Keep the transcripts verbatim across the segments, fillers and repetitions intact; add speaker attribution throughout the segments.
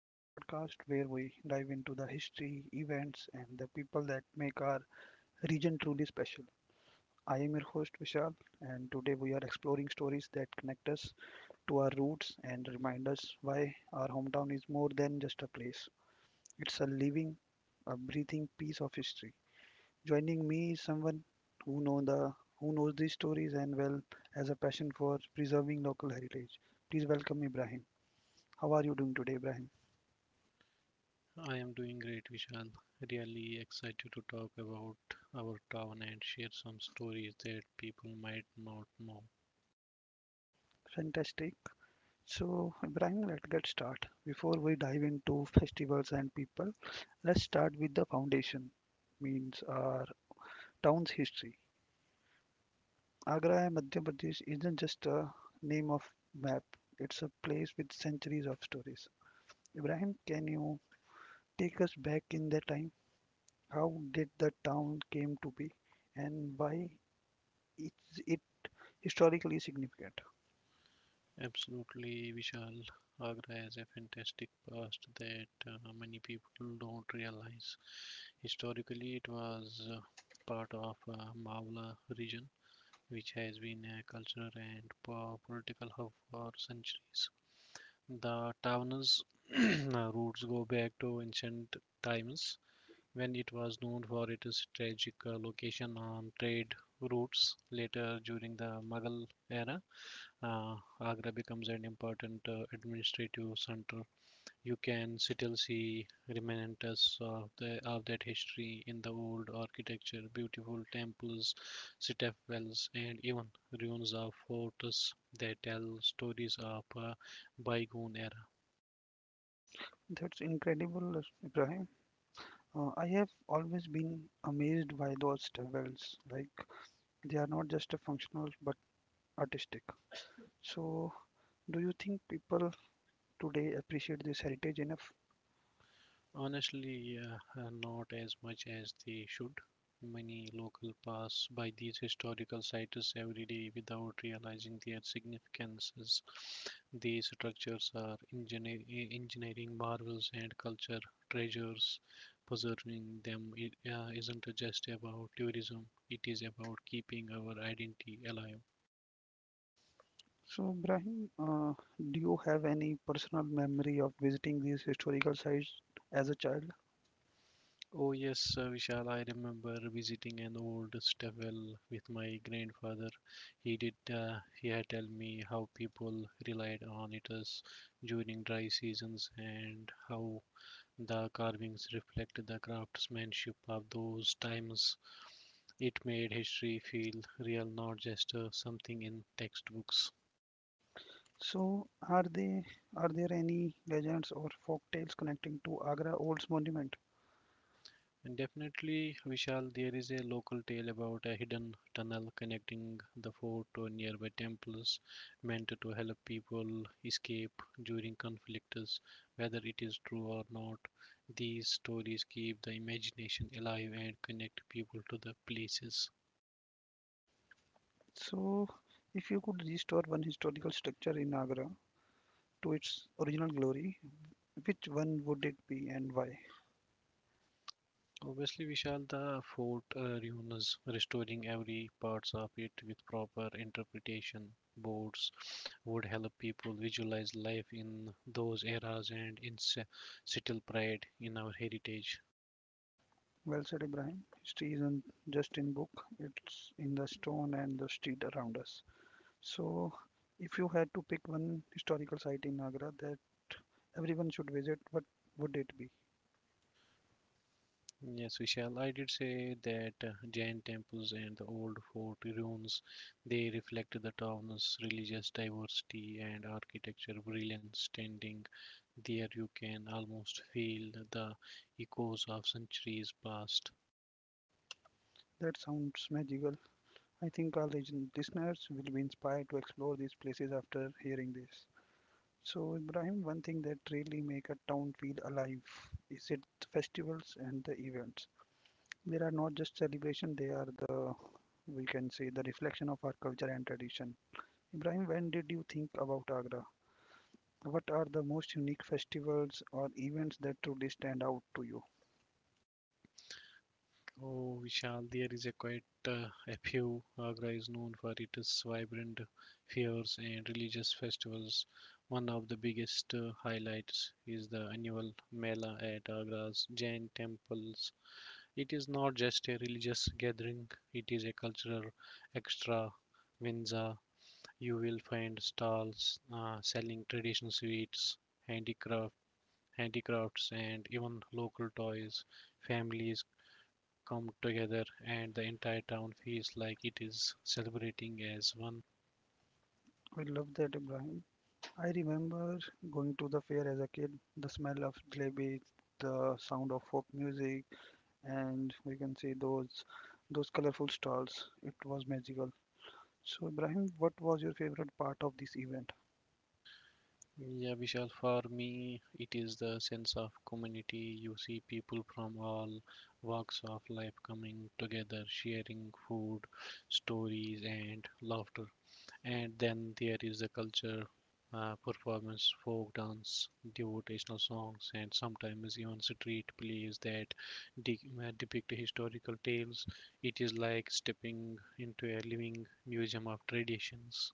Speaker 1: the podcast where we dive into the history, events, and the people that make our region truly special. I am your host Vishal, and today we are exploring stories that connect us to our roots and remind us why our hometown is more than just a place. It's a living, a breathing piece of history. Joining me is someone who know the who knows these stories and well has a passion for preserving local heritage. Please welcome Ibrahim. How are you doing today, Ibrahim?
Speaker 2: I am doing great, Vishal. Really excited to talk about our town and share some stories that people might not know.
Speaker 1: Fantastic. So, Ibrahim, let's get started. Before we dive into festivals and people, let's start with the foundation, means our town's history. Agra, Madhya Pradesh isn't just a name of map, it's a place with centuries of stories. Ibrahim, can you take us back in the time? How did the town came to be and why is it historically significant?
Speaker 2: Absolutely, Vishal. Agra has a fantastic past that uh, many people don't realize. Historically, it was uh, part of uh, Mawla region, which has been a cultural and po- political hub for centuries. The town's roots go back to ancient times when it was known for its strategic uh, location on trade routes. Later, during the Mughal era, uh, Agra becomes an important uh, administrative center. You can still see remnants of, the, of that history in the old architecture, beautiful temples, citadels, and even ruins of forts that tell stories of uh, bygone era.
Speaker 1: That's incredible, Ibrahim. Uh, I have always been amazed by those towels. Like they are not just a functional but artistic. So, do you think people today appreciate this heritage enough?
Speaker 2: Honestly, yeah, uh, not as much as they should. Many local pass by these historical sites every day without realizing their significances. These structures are engineer- e- engineering marvels and culture treasures. Preserving them i- uh, isn't just about tourism, it is about keeping our identity alive.
Speaker 1: So, Brahim, uh, do you have any personal memory of visiting these historical sites as a child?
Speaker 2: Oh, yes, uh, Vishal, I remember visiting an old stable with my grandfather. He did, uh, he had tell me how people relied on it as during dry seasons and how the carvings reflect the craftsmanship of those times. It made history feel real, not just uh, something in textbooks.
Speaker 1: So, are they are there any legends or folk tales connecting to Agra Old's monument?
Speaker 2: And definitely, Vishal, there is a local tale about a hidden tunnel connecting the fort to nearby temples meant to help people escape during conflicts. Whether it is true or not, these stories keep the imagination alive and connect people to the places.
Speaker 1: So, if you could restore one historical structure in Agra to its original glory, which one would it be and why?
Speaker 2: Obviously, Vishal, the fort uh, ruins, restoring every parts of it with proper interpretation boards would help people visualize life in those eras and instill pride in our heritage.
Speaker 1: Well said, Ibrahim. History isn't just in book, it's in the stone and the street around us. So, if you had to pick one historical site in Agra that everyone should visit, what would it be?
Speaker 2: Yes, Vishal, I did say that uh, Jain temples and the old fort ruins, they reflect the town's religious diversity and architecture brilliance. Standing there, you can almost feel the echoes of centuries past.
Speaker 1: That sounds magical. I think our lis- listeners will be inspired to explore these places after hearing this. So, Ibrahim, one thing that really make a town feel alive is its festivals and the events. They are not just celebration, they are the, we can say, the reflection of our culture and tradition. Ibrahim, when did you think about Agra? What are the most unique festivals or events that truly stand out to you?
Speaker 2: Oh, Vishal, there is a quite uh, a few. Agra is known for its vibrant fairs and religious festivals. One of the biggest uh, highlights is the annual Mela at Agra's Jain temples. It is not just a religious gathering, it is a cultural extravaganza. You will find stalls uh, selling traditional sweets, handicraft, handicrafts, and even local toys. Families come together, and the entire town feels like it is celebrating as one.
Speaker 1: I love that, Ibrahim. I remember going to the fair as a kid, the smell of jalebi, the sound of folk music, and we can see those those colorful stalls. It was magical. So, Ibrahim, what was your favorite part of this event?
Speaker 2: Yeah, Vishal, for me, it is the sense of community. You see people from all walks of life coming together, sharing food, stories, and laughter. And then there is the culture, uh, performance, folk dance, devotional songs, and sometimes even street plays that de- uh, depict historical tales. It is like stepping into a living museum of traditions.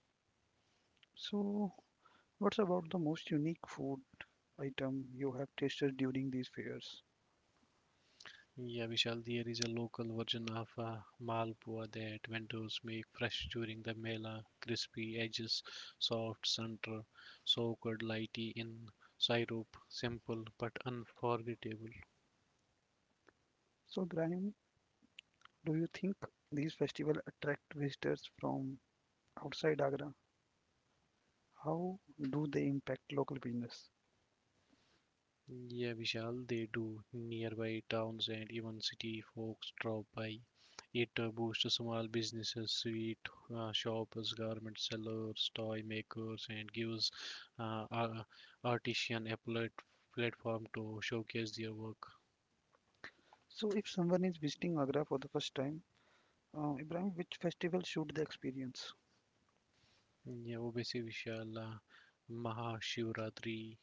Speaker 1: So, what's about the most unique food item you have tasted during these fairs?
Speaker 2: Yeah, Vishal, there is a local version of uh, Malpua that vendors make fresh during the Mela. Crispy edges, soft center, soaked lightly in syrup. Simple but unforgettable.
Speaker 1: So, Graham, do you think these festivals attract visitors from outside Agra? How do they impact local business?
Speaker 2: Yeah, Vishal, they do. Nearby towns and even city folks drop by. It uh, boosts small businesses, sweet uh, shops, garment sellers, toy makers, and gives uh, ar- artisan a plat- platform to showcase their work.
Speaker 1: So, if someone is visiting Agra for the first time, uh, Ibrahim, which festival should they experience?
Speaker 2: Yeah, obviously, Vishal. uh, Mahashivratri.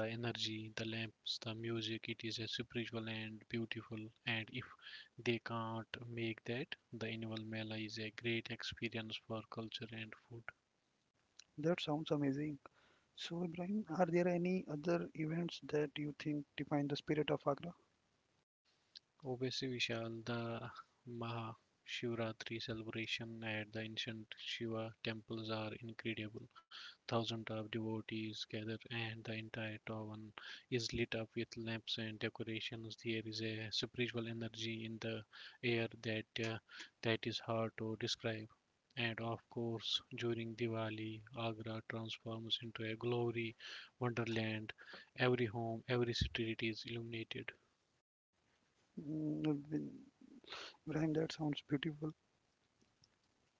Speaker 2: The energy, the lamps, the music, it is a spiritual and beautiful. And if they can't make that, the annual Mela is a great experience for culture and food.
Speaker 1: That sounds amazing. So, Ibrahim, are there any other events that you think define the spirit of Agra?
Speaker 2: Obviously, Vishal, the Maha Shivaratri celebration at the ancient Shiva temples are incredible. Thousands of devotees gather, and the entire town is lit up with lamps and decorations. There is a spiritual energy in the air that uh, that is hard to describe. And of course, during Diwali, Agra transforms into a glory wonderland. Every home, every street is illuminated.
Speaker 1: Mm, Ibrahim, that sounds beautiful.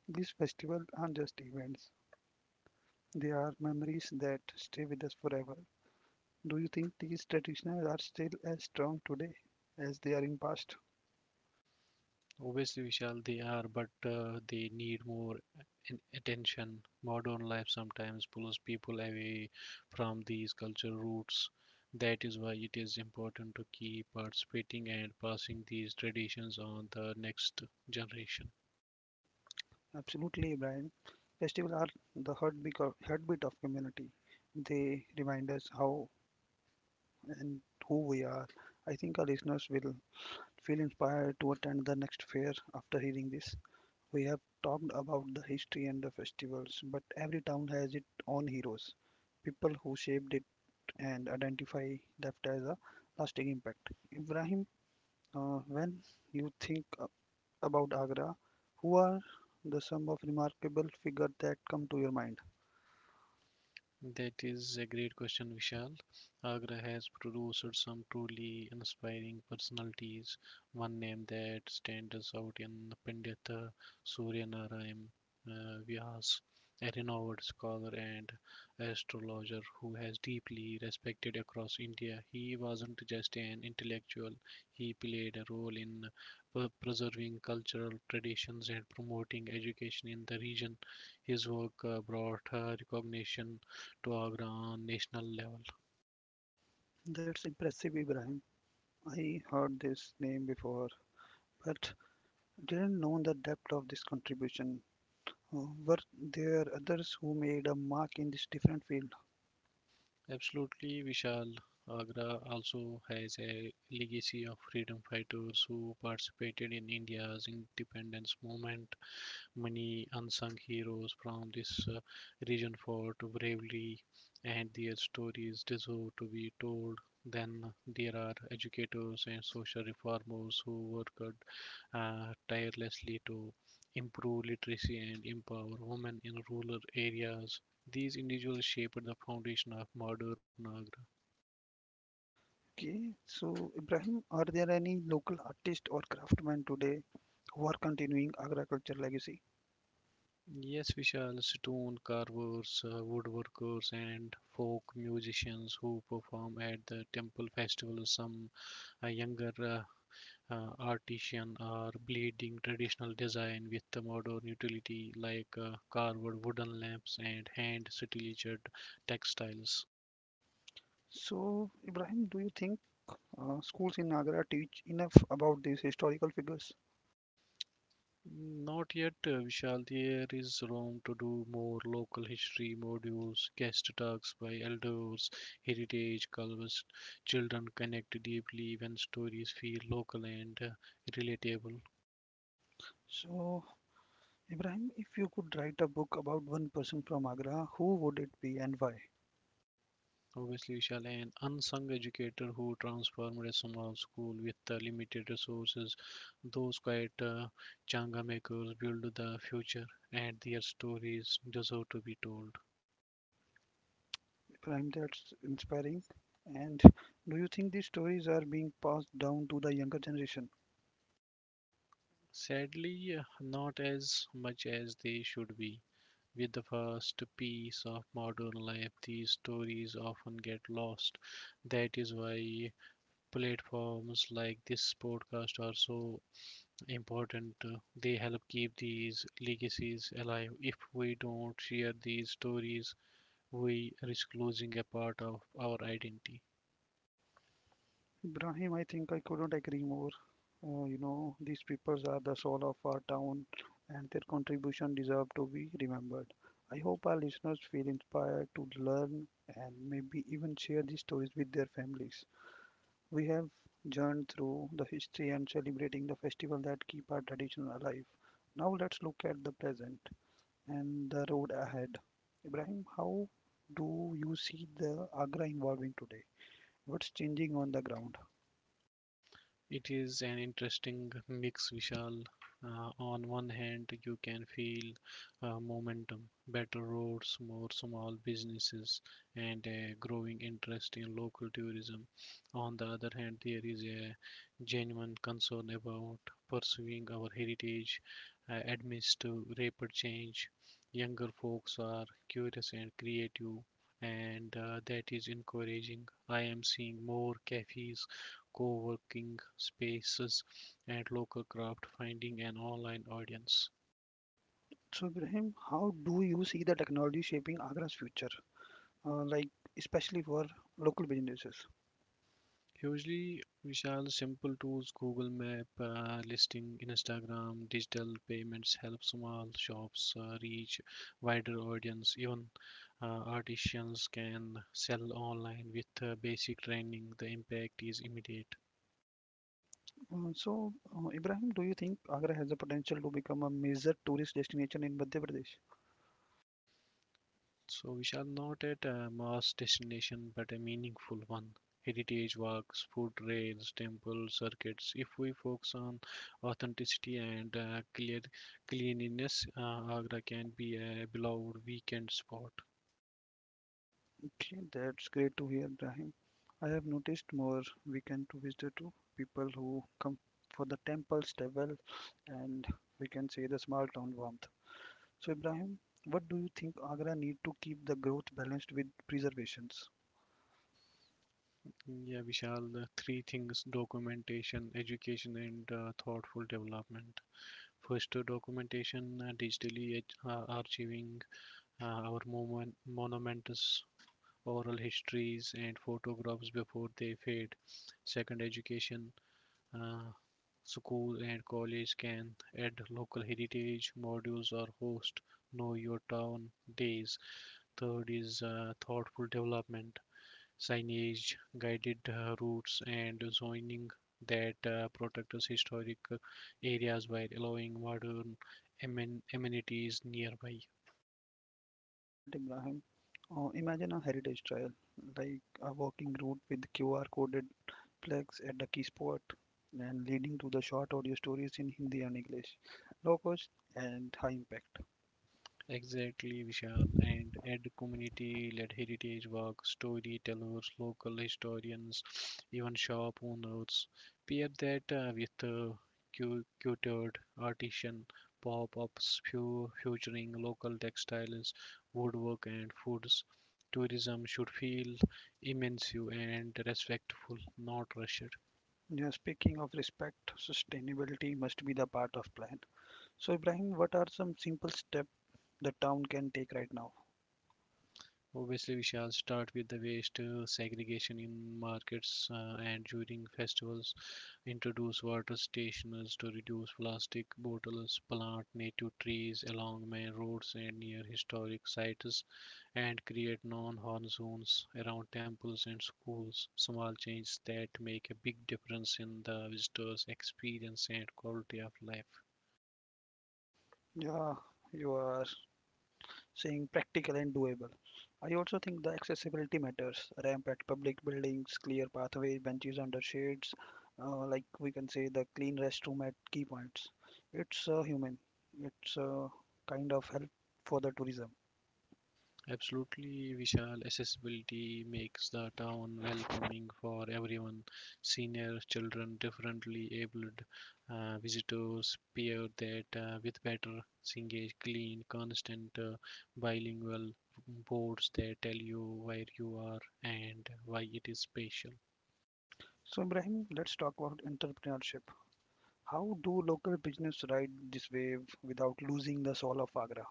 Speaker 1: These festivals aren't just events, they are memories that stay with us forever. Do you think these traditions are still as strong today as they are in past?
Speaker 2: Obviously, Vishal, they are, but uh, they need more in- attention. Modern life sometimes pulls people away from these cultural roots. That is why it is important to keep participating and passing these traditions on the next generation.
Speaker 1: Absolutely, Ibrahim. Festivals are the heartbeat of, heartbeat of community. They remind us how and who we are. I think our listeners will feel inspired to attend the next fair after hearing this. We have talked about the history and the festivals, but every town has its own heroes, people who shaped it and identify left as a lasting impact. Ibrahim, uh, when you think uh, about Agra. Who are the some of remarkable figures that come to your mind?
Speaker 2: That is a great question, Vishal. Agra has produced some truly inspiring personalities. One name that stands out in Pandit Surya Narayan uh, Vyas, a renowned scholar and astrologer who has deeply respected across India. He wasn't just an intellectual; he played a role in pre- preserving cultural traditions and promoting education in the region. His work uh, brought uh, recognition to Agra on national level.
Speaker 1: That's impressive, Ibrahim. I heard this name before, but didn't know the depth of this contribution. Uh, were there others who made a mark in this different field?
Speaker 2: Absolutely, Vishal. Agra also has a legacy of freedom fighters who participated in India's independence movement. Many unsung heroes from this uh, region fought bravely, and their stories deserve to be told. Then there are educators and social reformers who worked uh, tirelessly to improve literacy and empower women in rural areas. These individuals shaped the foundation of modern Nagra.
Speaker 1: Okay, so Ibrahim, are there any local artists or craftsmen today who are continuing Agra culture legacy?
Speaker 2: Yes, Vishal, stone carvers, uh, woodworkers, and folk musicians who perform at the temple festivals. Some uh, younger uh, uh, artisans are bleeding traditional design with the modern utility like uh, carved wooden lamps and hand stitched textiles.
Speaker 1: So, Ibrahim, do you think uh, schools in Agra teach enough about these historical figures?
Speaker 2: Not yet, uh, Vishal. There is room to do more local history modules, guest talks by elders, heritage culvers. Children connect deeply when stories feel local and uh, relatable.
Speaker 1: So, Ibrahim, if you could write a book about one person from Agra, who would it be and why?
Speaker 2: Obviously, Vishal, an unsung educator who transformed a small school with uh, limited resources. Those quiet uh, changa makers build the future, and their stories deserve to be told.
Speaker 1: Ibrahim, that's inspiring. And do you think these stories are being passed down to the younger generation?
Speaker 2: Sadly, uh, not as much as they should be. With the fast pace of modern life, these stories often get lost. That is why platforms like this podcast are so important. Uh, They help keep these legacies alive. If we don't share these stories, we risk losing a part of our identity.
Speaker 1: Ibrahim, I think I couldn't agree more. Uh, you know, these peoples are the soul of our town and their contribution deserve to be remembered. I hope our listeners feel inspired to learn and maybe even share these stories with their families. We have journeyed through the history and celebrating the festival that keep our tradition alive. Now let's look at the present and the road ahead. Ibrahim, how do you see the Agra evolving today? What's changing on the ground?
Speaker 2: It is an interesting mix, Vishal. Uh, on one hand, you can feel uh, momentum, better roads, more small businesses, and a growing interest in local tourism. On the other hand, there is a genuine concern about pursuing our heritage uh, amidst rapid change. Younger folks are curious and creative, and uh, that is encouraging. I am seeing more cafes, co-working spaces, and local craft, finding an online audience.
Speaker 1: So, Ibrahim, how do you see the technology shaping Agra's future, uh, like especially for local businesses?
Speaker 2: Hugely, Vishal, simple tools, Google Map, uh, listing, Instagram, digital payments help small shops uh, reach wider audience. Even uh, artisans can sell online with uh, basic training. The impact is immediate.
Speaker 1: Uh, so, uh, Ibrahim, do you think Agra has the potential to become a major tourist destination in Madhya Pradesh?
Speaker 2: So we shall not at a mass destination but a meaningful one. Heritage walks, food trails, temple circuits. If we focus on authenticity and uh, clear cleanliness, uh, Agra can be a beloved weekend spot.
Speaker 1: Okay, that's great to hear, Brahim. I have noticed more weekend visitor to people who come for the temples, travel, and we can say the small town warmth. So, Ibrahim, what do you think Agra need to keep the growth balanced with preservations?
Speaker 2: Yeah, Vishal, uh, three things: documentation, education, and uh, thoughtful development. First, uh, documentation, uh, digitally ach- uh, archiving uh, our moment, monuments, oral histories and photographs before they fade. Second, education. uh, School and college can add local heritage modules or host know your town days. Third is uh, thoughtful development, signage, guided uh, routes, and zoning that uh, protect historic uh, areas while allowing modern amenities nearby.
Speaker 1: I love that, Ibrahim. Uh, imagine a heritage trail, like a walking route with Q R coded flags at the key spot and leading to the short audio stories in Hindi and English, low cost and high impact.
Speaker 2: Exactly, Vishal. And add community-led heritage work, storytellers, local historians, even shop owners. Pair that uh, with uh, cu- curated artisan pop-ups fu- featuring local textiles, woodwork, and foods. Tourism should feel immersive and respectful, not rushed.
Speaker 1: Yeah, speaking of respect, sustainability must be the part of plan. So, Ibrahim, what are some simple steps the town can take right now?
Speaker 2: Obviously, we shall start with the waste uh, segregation in markets uh, and during festivals. Introduce water stationers to reduce plastic bottles, plant native trees along main roads and near historic sites, and create non horn zones around temples and schools. Small changes that make a big difference in the visitor's experience and quality of life.
Speaker 1: Yeah, you are saying practical and doable. I also think the accessibility matters. Ramp at public buildings, clear pathways, benches under shades, uh, like we can say the clean restroom at key points. It's uh, human. It's uh, kind of help for the tourism.
Speaker 2: Absolutely, Vishal. Accessibility makes the town welcoming for everyone. Seniors, children, differently abled uh, visitors pair that uh, with better Singage clean, constant uh, bilingual boards that tell you where you are and why it is special.
Speaker 1: So, Ibrahim, let's talk about entrepreneurship. How do local business ride this wave without losing the soul of Agra?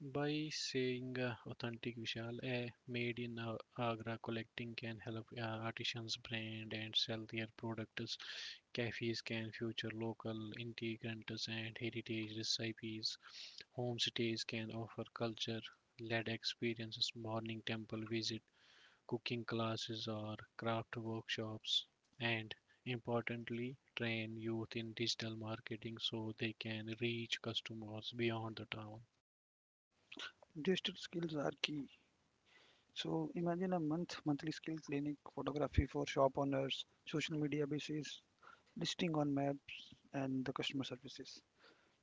Speaker 2: By saying uh, authentic Vishal, a made in uh, Agra collecting can help uh, artisans brand and sell their products. Cafes can feature local integrants and heritage recipes. Homestays can offer culture led experiences, morning temple visit, cooking classes, or craft workshops. And importantly, train youth in digital marketing so they can reach customers beyond the town.
Speaker 1: Digital skills are key. So imagine a month monthly skill clinic, photography for shop owners, social media basis, listing on maps, and the customer services.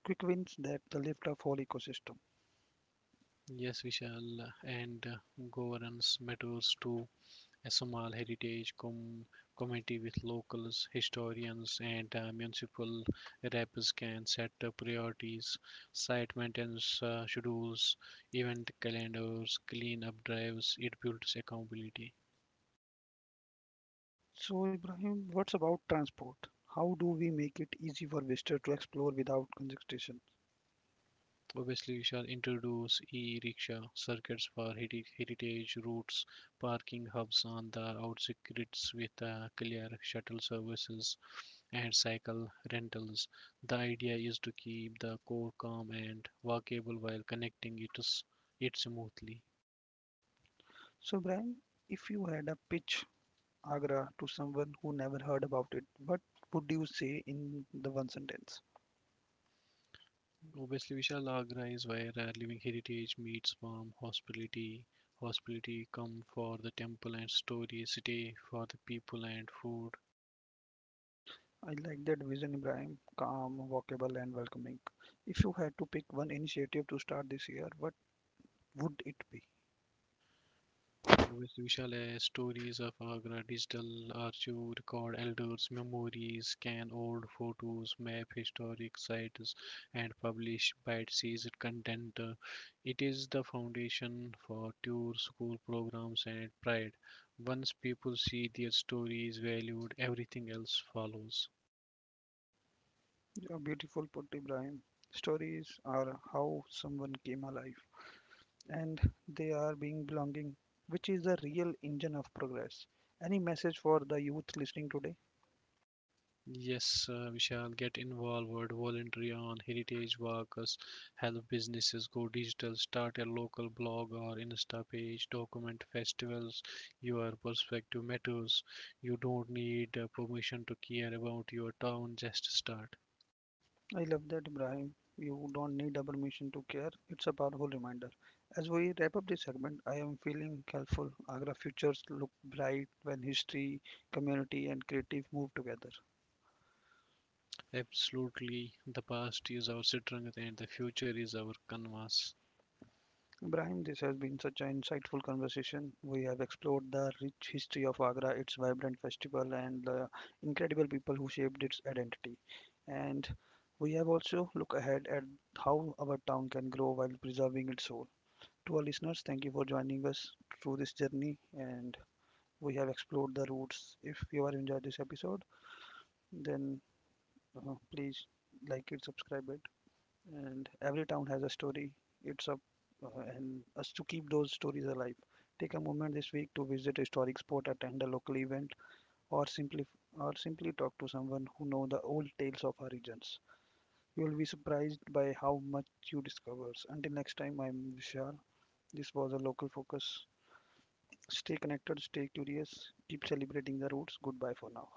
Speaker 1: Quick wins that the lift of whole ecosystem.
Speaker 2: Yes, Vishal, and uh, governance matters to a small heritage com- committee with locals, historians, and uh, municipal reps can set up priorities, site maintenance uh, schedules, event calendars, clean-up drives. It builds accountability.
Speaker 1: So Ibrahim, what's about transport? How do we make it easy for visitors to explore without congestion?
Speaker 2: Obviously, we shall introduce e-rickshaw circuits for heri- heritage routes, parking hubs on the outskirts with uh, clear shuttle services and cycle rentals. The idea is to keep the core calm and walkable while connecting it, it smoothly.
Speaker 1: So Ibrahim, if you had a pitch Agra to someone who never heard about it, what would you say in the one sentence?
Speaker 2: Obviously, Vishal Agra is where our living heritage meets warm hospitality. Hospitality come for the temple and story, stay for the people and food.
Speaker 1: I like that vision, Ibrahim. Calm, walkable, and welcoming. If you had to pick one initiative to start this year, what would it be?
Speaker 2: With visualized stories of Agra, digital archive record elders' memories, scan old photos, map historic sites, and publish bite-sized content. It is the foundation for tour school programs and pride. Once people see their stories valued, everything else follows.
Speaker 1: A beautiful put, Ibrahim. Stories are how someone came alive, and they are being belonging, which is the real engine of progress. Any message for the youth listening today?
Speaker 2: Yes, uh, we shall get involved, voluntary on heritage workers, help businesses go digital, start a local blog or Insta page, document festivals. Your perspective matters. You don't need uh, permission to care about your town, just start.
Speaker 1: I love that, Ibrahim. You don't need a permission to care. It's a powerful reminder. As we wrap up this segment, I am feeling helpful. Agra futures look bright when history, community, and creative move together.
Speaker 2: Absolutely, the past is our strength and the future is our canvas.
Speaker 1: Ibrahim, this has been such an insightful conversation. We have explored the rich history of Agra, its vibrant festival, and the incredible people who shaped its identity. And we have also looked ahead at how our town can grow while preserving its soul. To our listeners, thank you for joining us through this journey, and we have explored the roots. If you have enjoyed this episode, then uh, please like it, subscribe it, and every town has a story. It's up uh, and us to keep those stories alive. Take a moment this week to visit a historic spot, attend a local event, or simply or simply talk to someone who know the old tales of our regions. You will be surprised by how much you discovers. Until next time, I'm Vishal. This was a local focus. Stay connected, stay curious, keep celebrating the roots. Goodbye for now.